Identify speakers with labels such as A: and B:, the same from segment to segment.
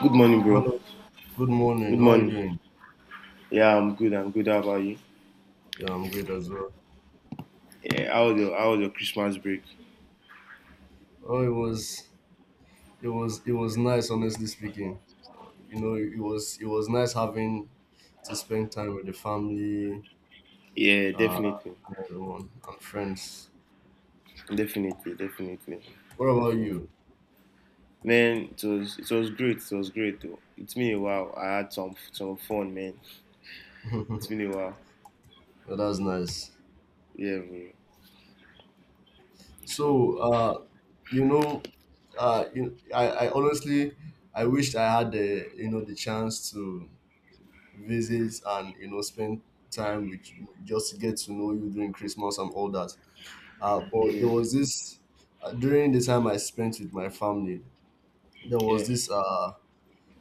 A: Good morning, bro.
B: Hello, good morning.
A: Good
B: How are you
A: morning.
B: doing?
A: Yeah, I'm good. I'm good. How about you?
B: Yeah, I'm great as well.
A: Yeah, how was your how was your Christmas break?
B: Oh, it was nice, honestly speaking. You know, it was nice having to spend time with the family,
A: Yeah,
B: uh,
A: definitely,
B: and everyone and friends.
A: definitely, definitely,
B: What about you?
A: definitely. Man, it was great. It was great though. It's been a while. I had some fun, man. It's been a while.
B: Well, that's nice.
A: Yeah, bro. So
B: So, uh, you know, I honestly, I wished I had the, you know, the chance to visits and you know spend time with you, just to get to know you during Christmas and all that. But
A: yeah,
B: there was this during the time I spent with my family, there
A: yeah.
B: was this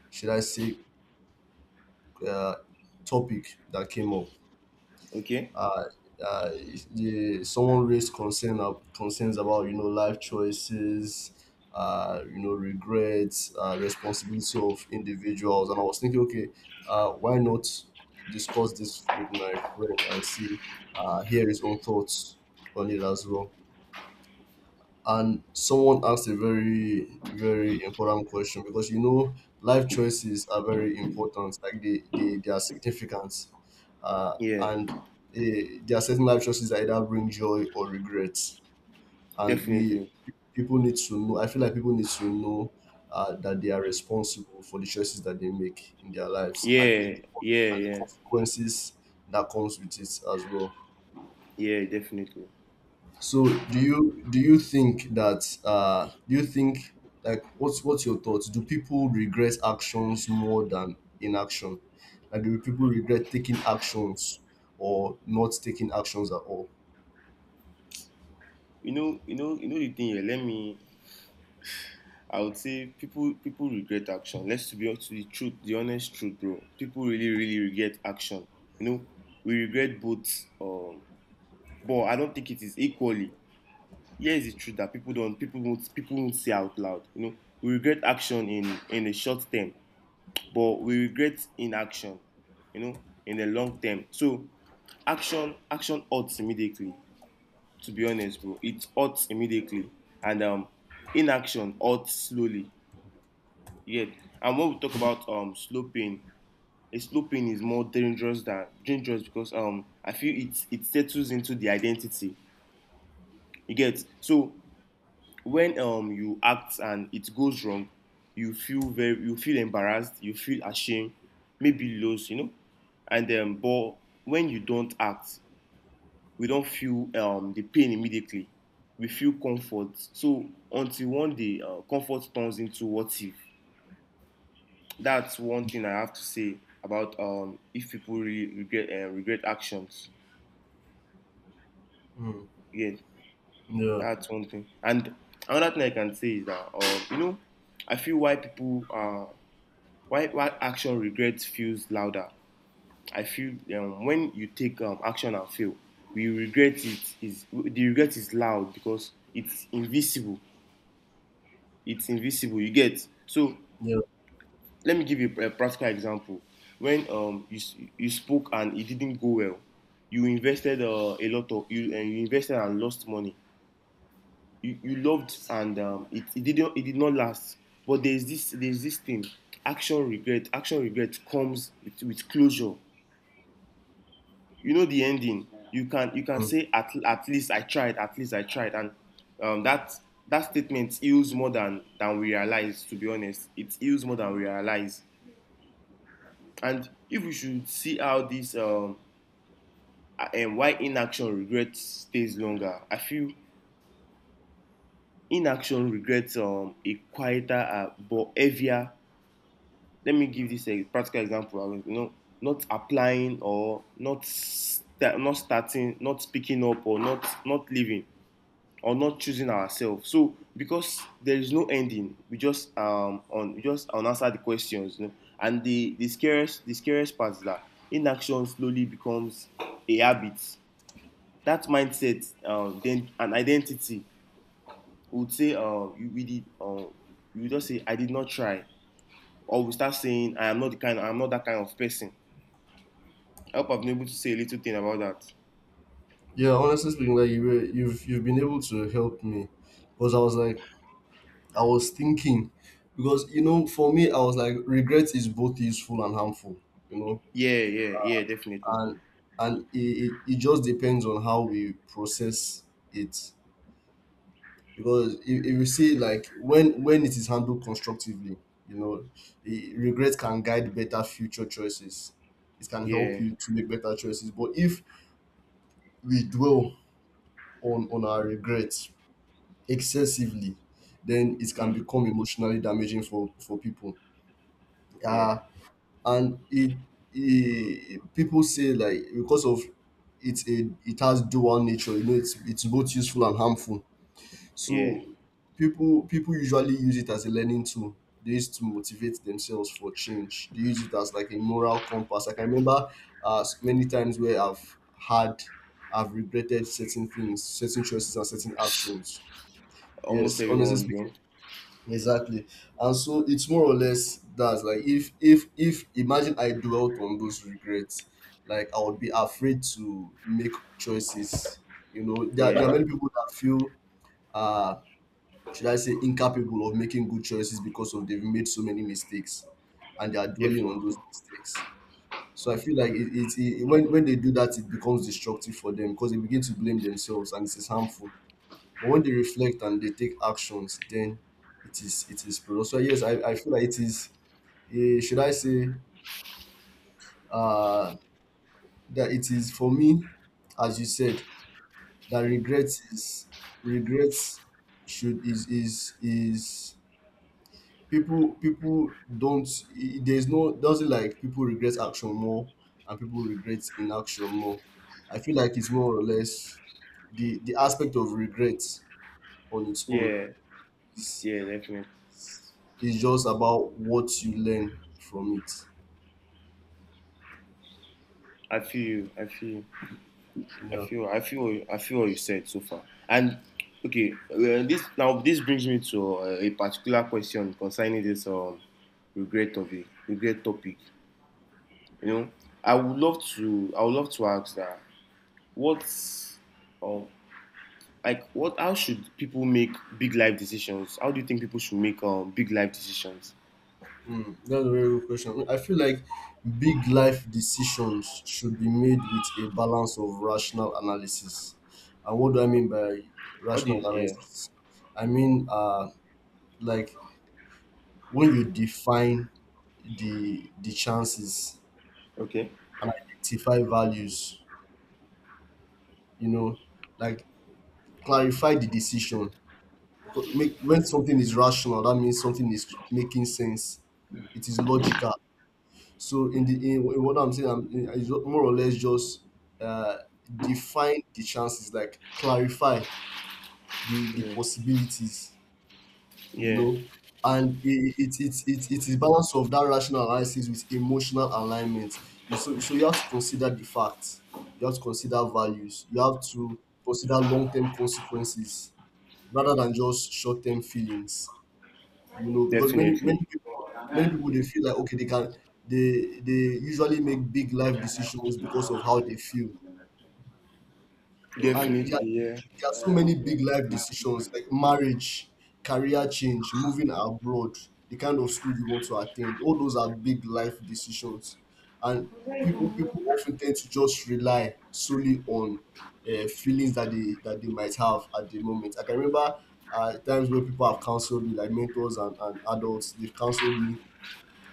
B: should I say uh, topic that came up
A: Okay.
B: uh, uh, Someone raised concerns about you know life choices, you know regrets, responsibility of individuals, and I was thinking, okay, why not discuss this with my friend and see hear his own thoughts on it as well. And someone asked a very, very important question because you know life choices are very important. Like they are significant, uh,
A: Yeah,
B: and eh, there are certain life choices that either bring joy or regret. And we
A: definitely.
B: people need to know. I feel like people need to know that they are responsible for the choices that they make in their lives, and
A: Yeah, yeah,
B: the
A: yeah,
B: consequences that comes with it as well.
A: yeah, definitely.
B: So do you think that do you think like what's your thoughts? Do people regret actions more than inaction? Like do people regret taking actions or not taking actions at all?
A: You know the thing here. Let me I would say people regret action. Let's to the truth, the honest truth, bro. People really really regret action. You know, we regret both, um, but I don't think it is equally. Here is the truth that people won't say out loud. You know, we regret action in the short term, but we regret inaction. You know, in the long term. So, action hurts immediately. To be honest, bro, it hurts immediately, and inaction hurts slowly. Yeah, and when we talk about sloping, a sloping is more dangerous than dangerous because I feel it settles into the identity. You get so when you act and it goes wrong, you feel embarrassed, you feel ashamed, maybe lost. And but when you don't act, we don't feel the pain immediately. We feel comfort. So until one day, comfort turns into what if. That's one thing I have to say about if people really regret regret actions.
B: Mm.
A: Yeah,
B: Yeah,
A: that's one thing. And another thing I can say is that I feel why people why action regrets feels louder. I feel when you take action and fail, we regret it is the regret is loud because it's invisible. It's invisible. You get so.
B: yeah,
A: Let me give you a practical example. When you spoke and it didn't go well, you invested a lot of you, and you invested and lost money. You loved, and it did not last. But there's this thing, action regret. Action regret comes with closure. You know the ending. You can
B: mm,
A: say, at least I tried. At least I tried. And um, that that statement heals more than we realize. To be honest, it heals more than we realize. And if we should see how this, and why inaction regret stays longer, I feel inaction regrets a quieter, but heavier. Let me give this a practical example. You know, not applying, or not not starting, not speaking up, or not leaving, or not choosing ourselves. So because there is no ending, we just, unanswer the questions. You know? And the scariest part is that inaction slowly becomes a habit. That mindset, then an identity. We would say, you just say, I did not try, or we start saying, I am not that kind of person. I hope I've been able to say a little thing about that.
B: yeah. Honestly speaking, like you've been able to help me because I was like I was thinking because you know, for me, I was like regret is both useful and harmful. You know,
A: Yeah, yeah, yeah, definitely.
B: and and it, it just depends on how we process it, because if you see like when it is handled constructively, you know, regret can guide better future choices. It can help
A: Yeah,
B: you to make better choices, but if we dwell on our regrets excessively, then it can
A: mm,
B: become emotionally damaging for people.
A: yeah,
B: Ah, and it people say, like, because of it's a it has dual nature, you know, it's both useful and harmful.
A: yeah.
B: So people usually use it as a learning tool. They use it to motivate themselves for change. They use it as like a moral compass. Like, I can remember many times where I've regretted certain things, certain choices, and certain actions.
A: Almost
B: Yes, honestly
A: everyone, bro.
B: speaking. Exactly. And so it's more or less that's like if imagine I dwelt on those regrets, like I would be afraid to make choices. You know, there are
A: Yeah,
B: many people that feel uh should I say incapable of making good choices because of they've made so many mistakes, and they are dwelling on
A: definitely.
B: those mistakes. So I feel like it when they do that, it becomes destructive for them because they begin to blame themselves, and it's harmful. But when they reflect and they take actions, then it is productive. So yes, I feel like it is eh, should I say uh that it is, for me, as you said, that
A: Mm.
B: regret is regrets should is people people don't eh, there's no doesn't like people regret action more and people regret inaction more. I feel like it's more or less the aspect of regret on its own
A: Yeah,
B: is
A: yeah, definitely.
B: It's just about what you learn from it.
A: I feel you. I feel you.
B: Yeah.
A: I feel what you said so far. And okay, this brings me to, a particular question concerning this regret of a regret topic. You know, I would love to ask that what's um like what how should people make big life decisions? How do you think people should make big life decisions?
B: Mm, that's a very good question. I feel like big life decisions should be made with a balance of rational analysis. And what do I mean by
A: How do
B: rational
A: you? Yeah.
B: analysis? I mean, like when you define the chances
A: Okay.
B: and identify values, you know, like clarify the decision. Make when something is rational, that means something is making sense, it is logical. So in the in what I'm saying, I more or less just uh define the chances, like clarify the
A: Yeah,
B: possibilities, you
A: yeah.
B: know. And it is balance of that rational analysis with emotional alignment. You- so so you have to consider the facts, you have to consider values, you have to consider long-term consequences rather than just short-term feelings, you know, because many
A: Definitely,
B: people they feel like okay they can they usually make big life decisions because of how they feel. And
A: definitely, yeah,
B: there are so many big life decisions, like marriage, career change, moving abroad, the kind of school you want to attend, all those are big life decisions. And people people often tend to just rely solely on feelings that they might have at the moment. I can remember times where people have counseled me, like mentors and adults they've counseled me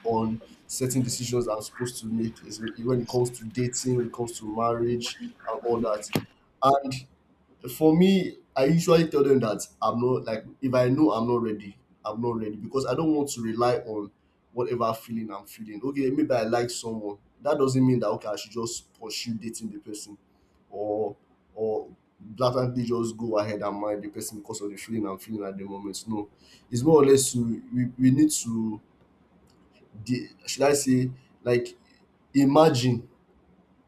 B: on certain decisions that I'm supposed to make, is when it comes to dating, when it comes to marriage, and all that. And for me, I usually tell them that I'm not like if I know I'm not ready, I'm not ready, because I don't want to rely on whatever feeling I'm feeling. Okay, maybe I like someone. That doesn't mean that okay, I should just pursue dating the person or or blatantly just go ahead and marry the person because of the feeling I'm feeling at the moment. No. It's more or less to we need to the should I say like imagine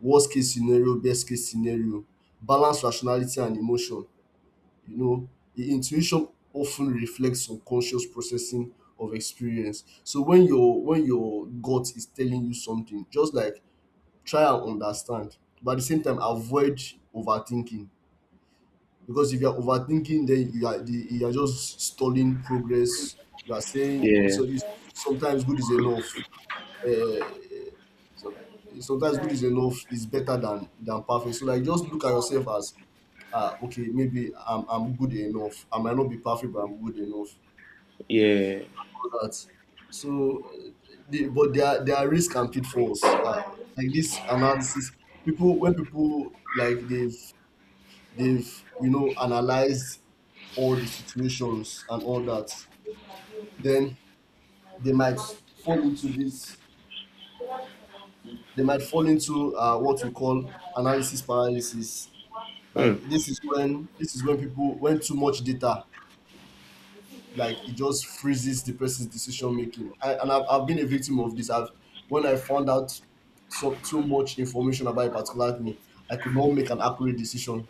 B: worst case scenario, best case scenario, balance rationality and emotion. You know, the intuition often reflects subconscious processing of experience. So when your gut is telling you something, just like try and understand, but at the same time avoid overthinking. Because if you are overthinking, then you are you are just stalling progress. You are saying
A: yeah,
B: so. You, sometimes good is enough uh, so Sometimes good is enough, is better than perfect. So like just look at yourself as ah okay, maybe I'm good enough, I might not be perfect, but I'm good enough,
A: yeah.
B: all that. So but there are risks and pitfalls, like this analysis. People when people like they've you know analyzed all the situations and all that, then they might fall into what we call analysis paralysis.
A: Mm.
B: Like this is when people, when too much data, like it just freezes the person's decision making. I've been a victim of this. I've when I found out so too much information about a particular thing, I could not make an accurate decision.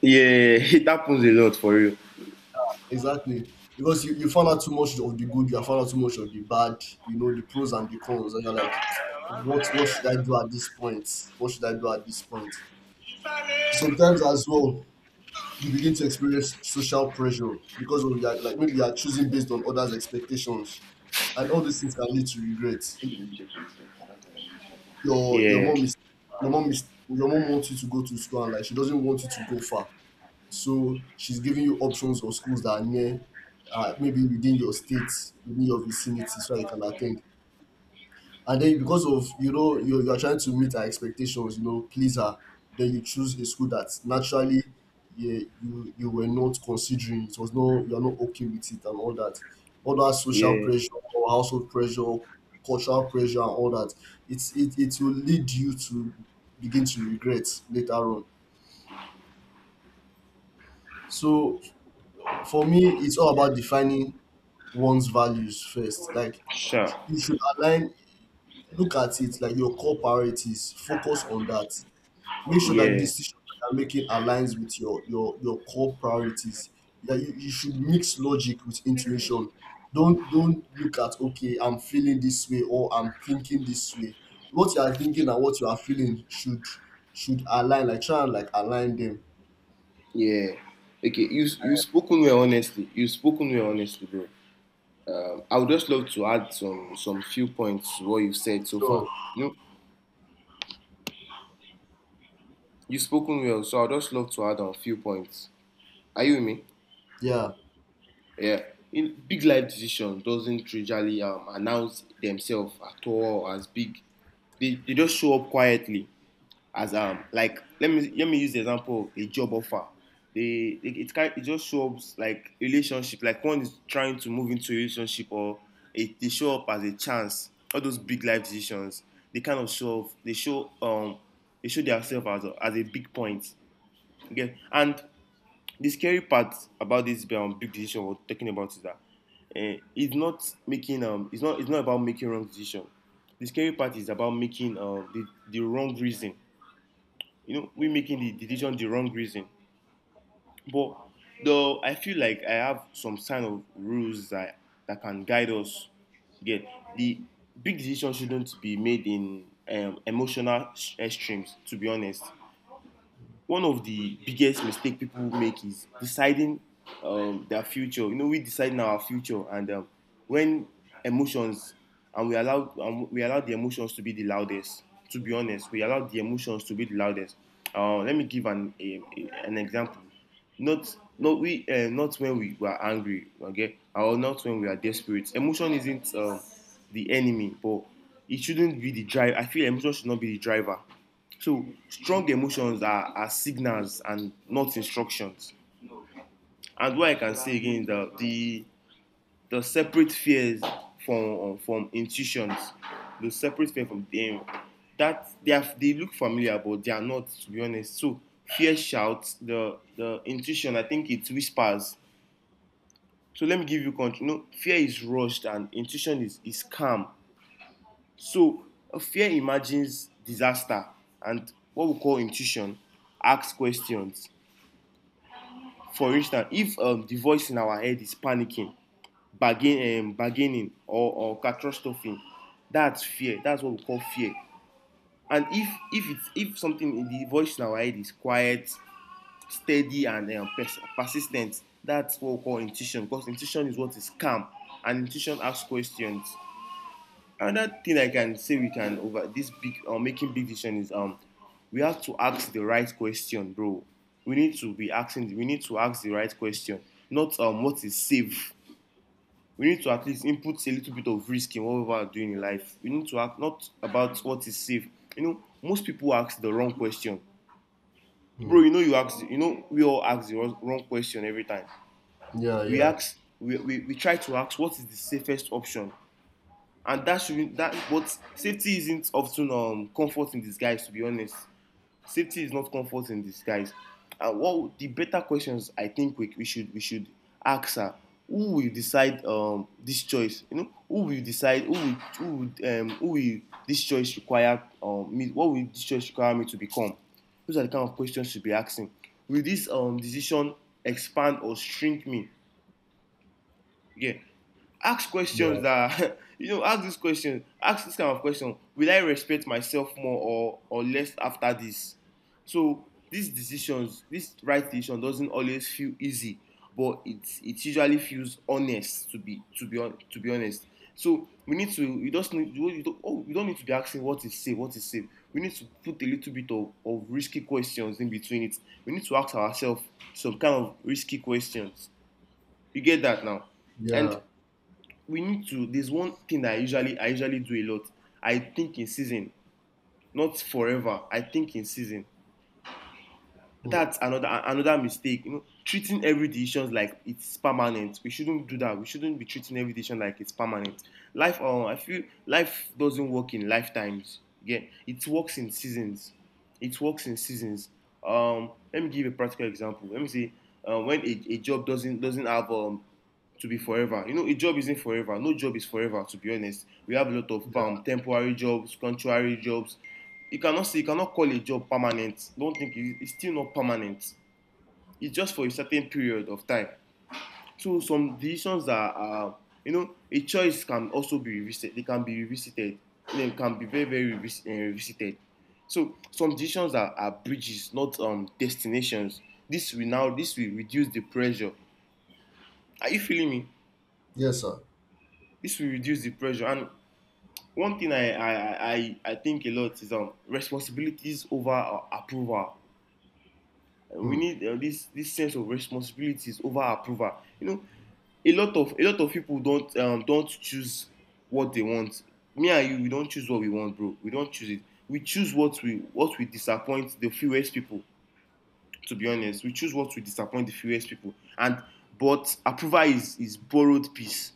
A: Yeah. It happens a lot for real.
B: Exactly. Because you found out too much of the good, you have found out too much of the bad, you know, the pros and the cons, and you're like, what should I do at this point? What should I do at this point? Sometimes as well, you begin to experience social pressure because of your, like maybe you are choosing based on others' expectations, and all these things can lead to regret. Your your
A: Yeah,
B: mom is your mom is, your mom wants you to go to school and like she doesn't want you to go far, so she's giving you options of schools that are near, maybe within your state, within your vicinity, so that you can attend. And then because of you know you're trying to meet her expectations, you know, please her, then you choose a school that naturally yeah, you were not considering, it was no, you're not okay with it and all that, all that social
A: yeah,
B: pressure or household pressure, cultural pressure, and all that, it will lead you to begin to regret later on. So for me, it's all about defining one's values first. Like
A: sure.
B: you should align, look at it like your core priorities, focus on that, make sure that
A: Yeah,
B: decisions that you're making aligns with your core priorities. Yeah, you should mix logic with intuition. Don't look at okay, I'm feeling this way or I'm thinking this way. What you are thinking and what you are feeling should align. Like try and like align them.
A: yeah. Okay, you spoken well honestly. You spoken well honestly, bro. I would just love to add some few points to what you've said so far.
B: Sure.
A: You know, you spoken well, so I'd just love to add on few points. Are you with me?
B: Yeah.
A: Yeah. In, big life decisions doesn't usually, announce themselves at all as big. They just show up quietly as, like let me use the example of a job offer. They it can it just shows, like relationship, like one is trying to move into a relationship, or it they show up as a chance. All those big life decisions, they kind of show they show they show themselves as a big point. Okay, and the scary part about this, big decision we're talking about, is that, it's not about making wrong decision. The scary part is about making, the wrong reason. You know, we making the decision the wrong reason. But though I feel like I have some sign of rules that can guide us. Get the big decision shouldn't be made in, emotional extremes. To be honest, one of the biggest mistakes people make is deciding, their future. You know, we decide our future, and when emotions, and we allow the emotions to be the loudest. To be honest, we allow the emotions to be the loudest. Let me give an an example. Not when we were angry, okay, or not when we are desperate. Emotion isn't, the enemy, but it shouldn't be the drive. I feel emotion should not be the driver, so strong emotions are signals and not instructions. And what I can say again is that, the separate fears from intuitions, the separate fear from them, that they look familiar but they are not, to be honest. So fear shouts, the intuition I think it whispers. So let me give you control. No, fear is rushed, and intuition is calm. So, fear imagines disaster, and what we call intuition asks questions. For instance, if, the voice in our head is panicking, bargaining, or catastrophe, that's fear. That's what we call fear. And if something in the voice in our head is quiet, steady, and persistent, that's what we call intuition. Because intuition is what is calm, and intuition asks questions. Another thing I can say we can over this big, or, making big decision, is, we have to ask the right question, bro. We need to ask the right question, not, what is safe. We need to at least input a little bit of risk in what we are doing in life. We need to ask not about what is safe. You know, most people ask the wrong question. Bro,
B: Hmm.
A: you know you ask you know we all ask the wrong question every time.
B: Yeah.
A: We
B: Yeah.
A: ask we, we, we try to ask what is the safest option, and that should that but safety isn't often, comfort in disguise, to be honest. Safety is not comfort in disguise, and what the better questions, I think we should ask her, who will decide, this choice, who will who will who will this choice require, me what will this choice require me to become. Those are the kind of questions you should be asking. Will this, decision expand or shrink me? Yeah, ask
B: Yeah.
A: questions that ask this kind of question, will I respect myself more, or less after this. So these decisions this right decision doesn't always feel easy, but it usually feels honest, to be honest. So we need to you just need you don't need to be asking what is safe. We need to put a little bit of risky questions in between it. We need to ask ourselves some kind of risky questions. You get that now. And
B: Yeah.
A: we need to there's one thing that I usually do a lot. I think in season, not forever. I think in season.
B: Hmm.
A: That's another mistake. You know, treating every decision like it's permanent. We shouldn't do that. We shouldn't be treating every decision like it's permanent. Life, I feel life doesn't work in lifetimes. Yeah, it works in seasons. It works in seasons. Let me give a practical example. Let me say, when a job doesn't have, to be forever. You know, a job isn't forever. No job is forever. To be honest, we have a lot of
B: Yeah.
A: temporary jobs, contrary jobs, you cannot say you cannot call a job permanent. Don't think it, it's still not permanent, it's just for a certain period of time. So some decisions are you know, a choice can also be revisited. They can be revisited. They can be very very revisited. So some decisions are bridges, not destinations. This will now this will reduce the pressure. Are you feeling me?
B: Yes, sir.
A: This will reduce the pressure. And one thing I think a lot is responsibilities over approval. We
B: Hmm.
A: need this sense of responsibilities over approval. You know, a lot of people don't choose what they want. Me and you, we don't choose what we want, bro. We don't choose it. We choose what we disappoint the fewest people. To be honest, we choose what we disappoint the fewest people. And but approval is borrowed peace.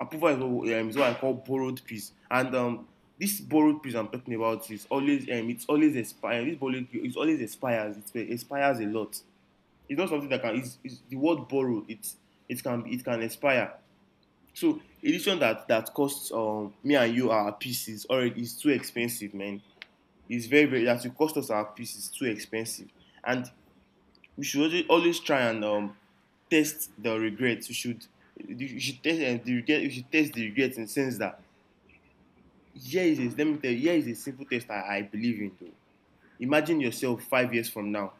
A: Approval is what I call borrowed peace. And um, this borrowed peace I'm talking about is always it's always expire. This borrowed peace is always expires. It expires a lot. It's not something that can. It's the word borrowed. It's it can expire. So edition that that costs me and you our pieces already is too expensive, man. It's very very that it cost us our pieces too expensive, and we should always try and test the regrets. We should, you should test the regret. You should test the regrets in the sense that here is a, let me tell you, here is a simple test I believe in. Though imagine yourself 5 years from now.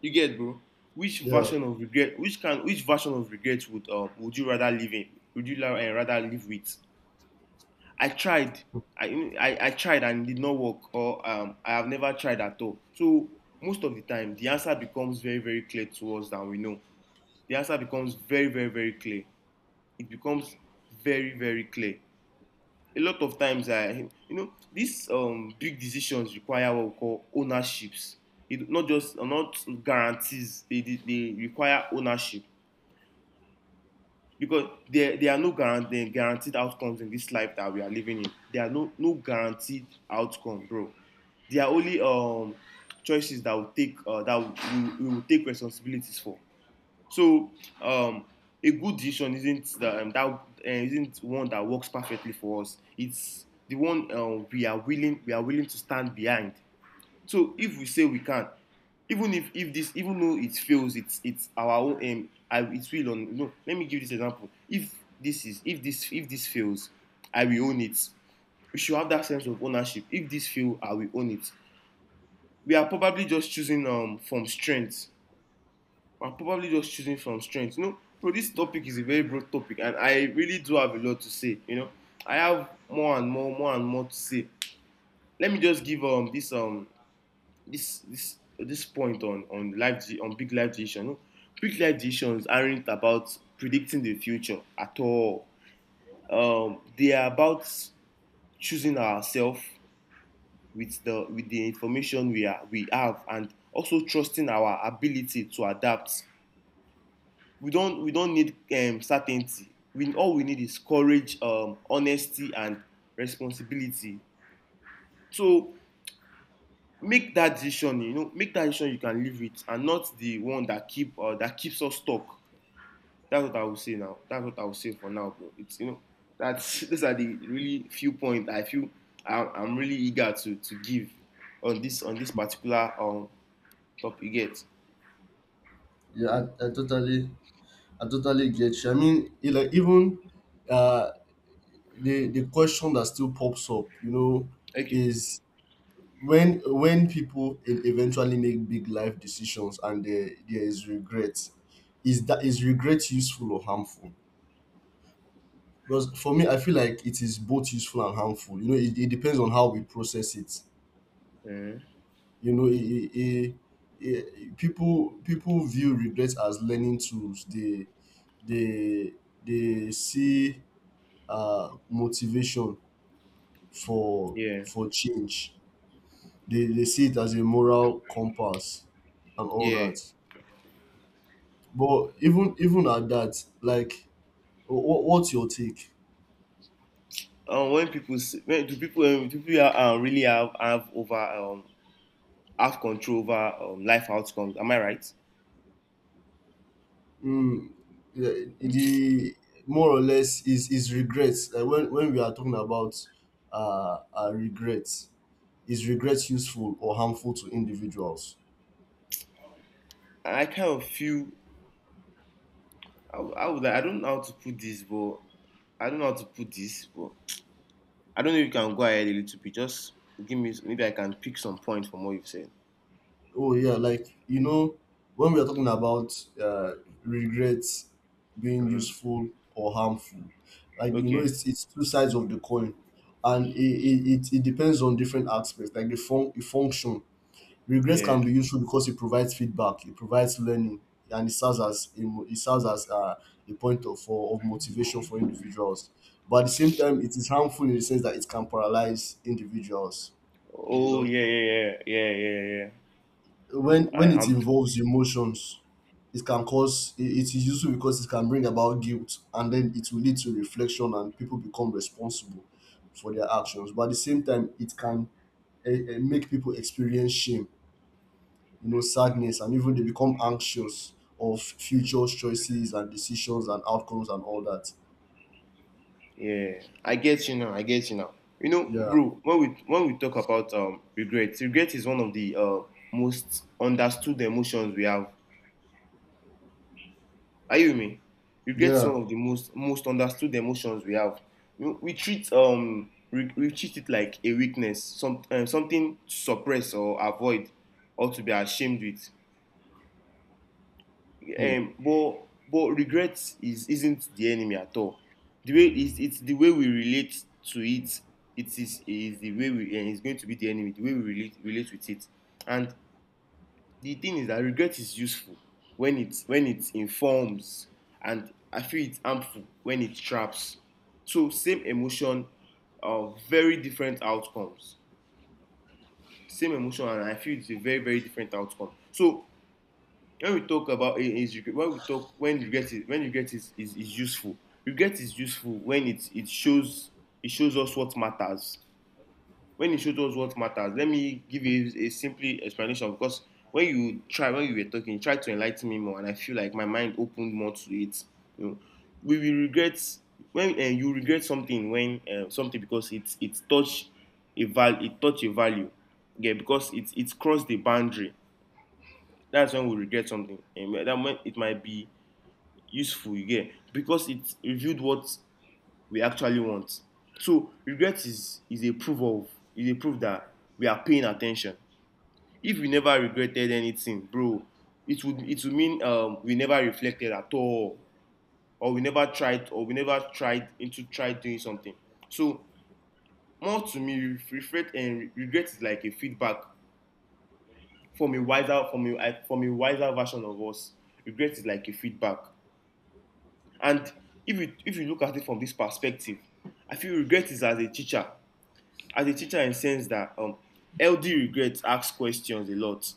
A: You get, bro. Which
B: Yeah.
A: version of regret? Which can? Which version of regret would you rather live in? Would you rather live with? I tried. I, I tried and it did not work, or I have never tried at all. So most of the time, the answer becomes very very clear to us than we know. The answer becomes very very very clear. It becomes very very clear a lot of times. I, you know, these big decisions require what we call ownerships. It not just not guarantees. They require ownership because there are no guaranteed outcomes in this life that we are living in. There are no guaranteed outcome, bro. There are only choices that will take that we will take responsibilities for. So um, a good decision isn't that, that isn't one that works perfectly for us. It's the one we are willing to stand behind. So if we say we can, even if this even though it fails, it's our own aim. I it will on. You know, let me give this example. If this is if this fails, I will own it. We should have that sense of ownership. If this fails, I will own it. We are probably just choosing from strength. I probably just choosing from strength. You know, bro, this topic is a very broad topic, and I really do have a lot to say. You know, I have more and more to say. Let me just give this this point on life on big life decisions. You know, big life decisions aren't about predicting the future at all. They are about choosing ourselves with the information we are we have, and also trusting our ability to adapt. We don't need certainty. We all we need is courage, honesty, and responsibility. So make that decision. You know, make that decision you can live with, and not the one that keep that keeps us stuck. That's what I will say now. That's what I will say for now, bro. It's you know that's these are the really few points I feel I'm really eager to give on this
B: Hmm.
A: particular topic. You get.
B: Yeah. I totally get you. I mean, it, like even uh the question that still pops up, you know,
A: Okay.
B: is when people eventually make big life decisions and there is regret, is regret useful or harmful? Because for me, I feel like it is both useful and harmful. You know, it depends on how we process it.
A: Mm,
B: You know, people people view regrets as learning tools. They they see motivation for
A: yeah,
B: change. They see it as a moral compass and all
A: yeah.
B: that. But even even at that, like what's your take?
A: Um, when do people really have control over life outcomes? Am I right?
B: Mm, the more or less is regrets. Like when we are talking about regrets, is regrets useful or harmful to individuals?
A: I kind of feel I would I don't know how to put this, but I don't know how to put this, but I don't know if you can go ahead a little bit. Just give me maybe I can pick some points from what you've said.
B: Oh yeah, like you know, when we are talking about uh, regrets being
A: Mhm.
B: useful or harmful, like you know,
A: Okay.
B: it's two sides of the coin, and it depends on different aspects, like the function. Regrets
A: Yeah.
B: can be useful because it provides feedback, it provides learning, and it serves as it serves as a point of for, of motivation for individuals. But at the same time, it is harmful in the sense that it can paralyze individuals. You
A: Oh,
B: know
A: yeah, yeah, yeah, yeah, yeah, yeah. I
B: when it
A: am.
B: involves emotions it can cause it is useful because it can bring about guilt and then it will lead to reflection and people become responsible for their actions, but at the same time it can make people experience shame, you know, sadness, and even they become anxious of future choices and decisions and outcomes and all that.
A: Yeah, I get you now. I get you now. You know,
B: Yeah,
A: bro, when we talk about regret, regret is one of the most understood emotions we have. Are you with me? Regret is
B: yeah.
A: one of the most understood emotions we have. We treat we treat it like a weakness, some something to suppress or avoid, or to be ashamed with.
B: Hmm.
A: Um, but regret is isn't the enemy at all. The way it's the way we relate to it. It is the way we and it's going to be the enemy the way we relate with it. And the thing is that regret is useful when it informs, and I feel it's harmful when it traps. So same emotion of very different outcomes. Same emotion, and I feel it's a very very different outcome. So when we talk about is when we talk when regret is when regret is is useful. Regret is useful when it shows. It shows us what matters. When it shows us what matters, let me give you a simply explanation because when you try when you were talking, you tried to enlighten me more, and I feel like my mind opened more to it. You know, we will regret when you regret something when something because it's touch a val, it touch a value. Yeah, because it's cross the boundary. That's when we regret something, and that when it might be useful, you get, because it revealed what we actually want. So regret is a proof of, is a proof that we are paying attention. If we never regretted anything, bro, it would mean we never reflected at all, or we never tried or we never tried into tried doing something. So more to me, regret and regret is like a feedback from a wiser from a wiser version of us. Regret is like a feedback. And if you look at it from this perspective, I feel regret is as a teacher in the sense that LD regrets asks questions a lot.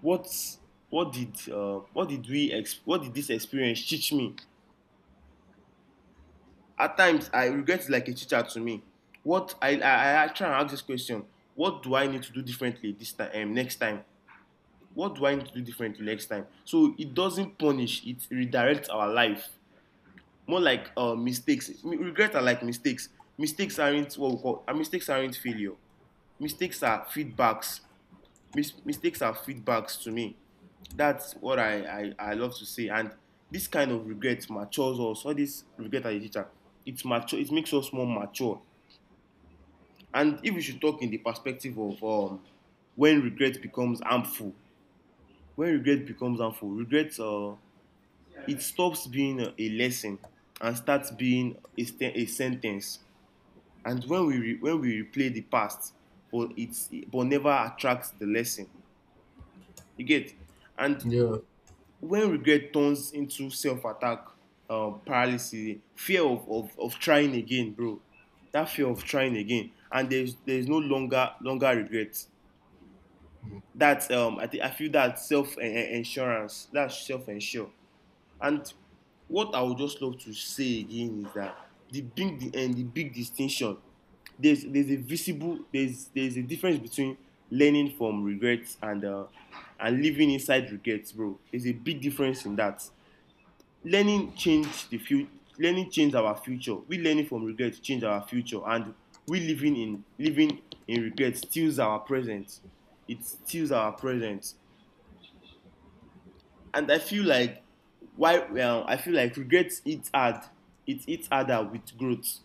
A: What what did what did this experience teach me? At times, I regret is like a teacher to me. What I try and ask this question: What do I need to do differently this time? Next time, what do I need to do differently next time? So it doesn't punish; it redirects our life more like mistakes. Regret are like mistakes. Mistakes aren't what we call. Mistakes aren't failure. Mistakes are feedbacks. Mistakes are feedbacks to me. That's what I love to say. And this kind of regret matures us. All this regret as a teacher, it mature. It makes us more mature. And if we should talk in the perspective of when regret becomes harmful, when regret becomes harmful, regret it stops being a lesson and starts being a, a sentence. And when we re, when we replay the past but it's but never attracts the lesson, you get. And
B: Yeah,
A: when regret turns into self-attack, paralysis, fear of trying again, bro, that fear of trying again, and there's no longer regret. That's I think I feel that self-insurance, that's self-insure. And what I would just love to say again is that the big the and the big distinction, there's a visible there's a difference between learning from regrets and living inside regrets, bro. There's a big difference in that. Learning changed the future. Learning changed our future. We learning from regrets changed our future, and we living in living in regrets steals our present. It steals our present, and I feel like why well I feel like regrets hits hard. It hits harder with growth.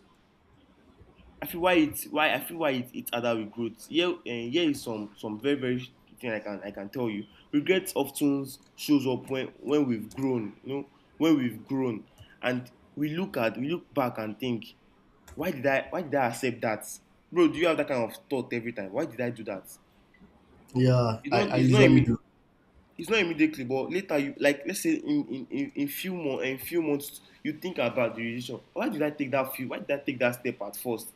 A: I feel why it why I feel why it hits harder with growth. Here here is some very very thing I can tell you. Regrets often shows up when we've grown. You know, when we've grown and we look at we look back and think why did I accept that? Bro, do you have that kind of thought every time? Why did I do that?
B: yeah, I
A: It's not
B: usually
A: a
B: do.
A: it's not immediately, but later you, like, let's say in in few months, in few months, you think about the decision, why did I take that step at first?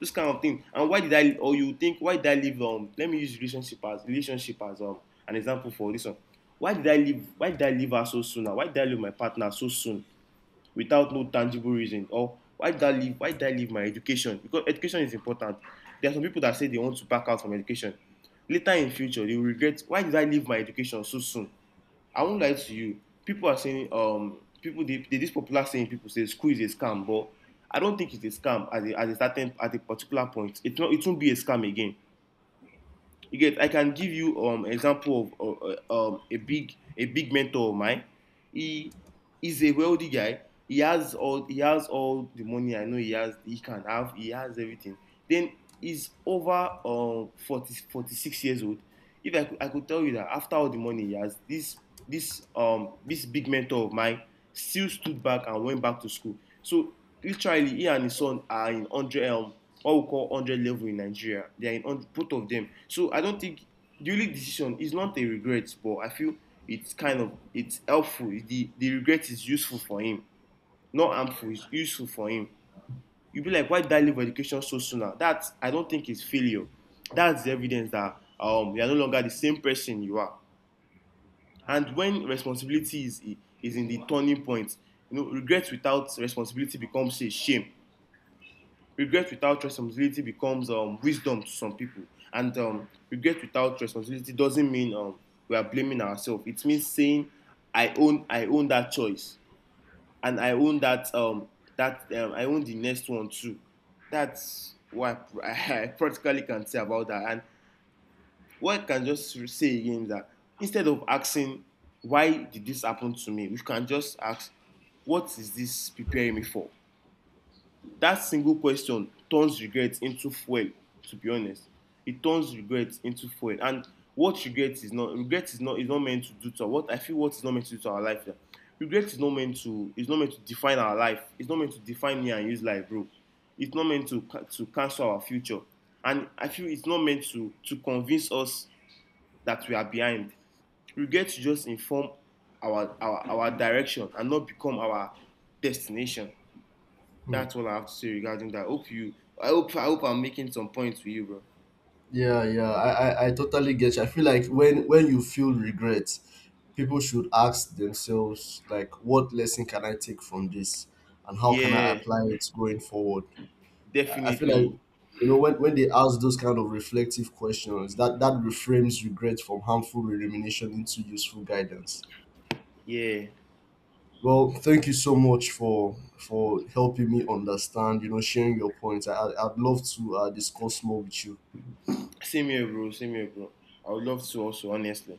A: This kind of thing. And why did I, or you think, why did I leave, let me use relationship as an example for this one. Why did I leave her so soon? Why did I leave my partner so soon without no tangible reason? Or why did I leave my education? Because education is important. There are some people that say they want to back out from education. Later in future, they will regret, why did I leave my education so soon? I won't lie to you. People are saying, people they, this popular saying, people say school is a scam, but I don't think it's a scam at at a certain at a particular point. It won't be a scam again. You get I can give you example of a big mentor of mine. He is a wealthy guy. He has all the money. I know he has, he can have, he has everything. Then he's over 40, 46 years old. If I could, I could tell you that after all the money he has, this this big mentor of mine still stood back and went back to school. So literally, he and his son are in hundred what we call hundred level in Nigeria. They are in 100, both of them. So I don't think the only decision is not a regret, but I feel it's kind of it's helpful. The regret is useful for him, not harmful. It's useful for him. You'll be like, why did I leave education so soon? Now? That I don't think is failure. That's the evidence that, you are no longer the same person you are. And when responsibility is in the turning point, you know, regret without responsibility becomes a shame. Regret without responsibility becomes, wisdom to some people. And regret without responsibility doesn't mean, we are blaming ourselves. It means saying, I own that choice, and I own that I own the next one too. That's what I, I practically can say about that. And what I can just say again is that, instead of asking why did this happen to me, we can just ask, what is this preparing me for? That single question turns regret into fuel, to be honest. It turns regret into fuel. And what regret is not, regret is not, meant to do to our, what I feel, what is not meant to do to our life. Yeah. Regret is not meant to define our life. It's not meant to define me and you's life, bro. It's not meant to cancel our future. And I feel it's not meant to convince us that we are behind. Regret should just inform our direction and not become our destination.
B: Hmm.
A: That's all I have to say regarding that. Hope you. I hope. I hope I'm making some points with you, bro.
B: Yeah, yeah, I totally get you. I feel like when you feel regret, people should ask themselves like, what lesson can I take from this, and how can I
A: Yeah,
B: apply it going forward? I feel like
A: definitely.
B: you know when they ask those kind of reflective questions, that that reframes regret from harmful rumination into useful guidance.
A: Yeah.
B: Well, thank you so much for helping me understand. You know, sharing your points. I'd love to discuss more with you.
A: Same here, bro. Same here, bro. I would love to also, honestly.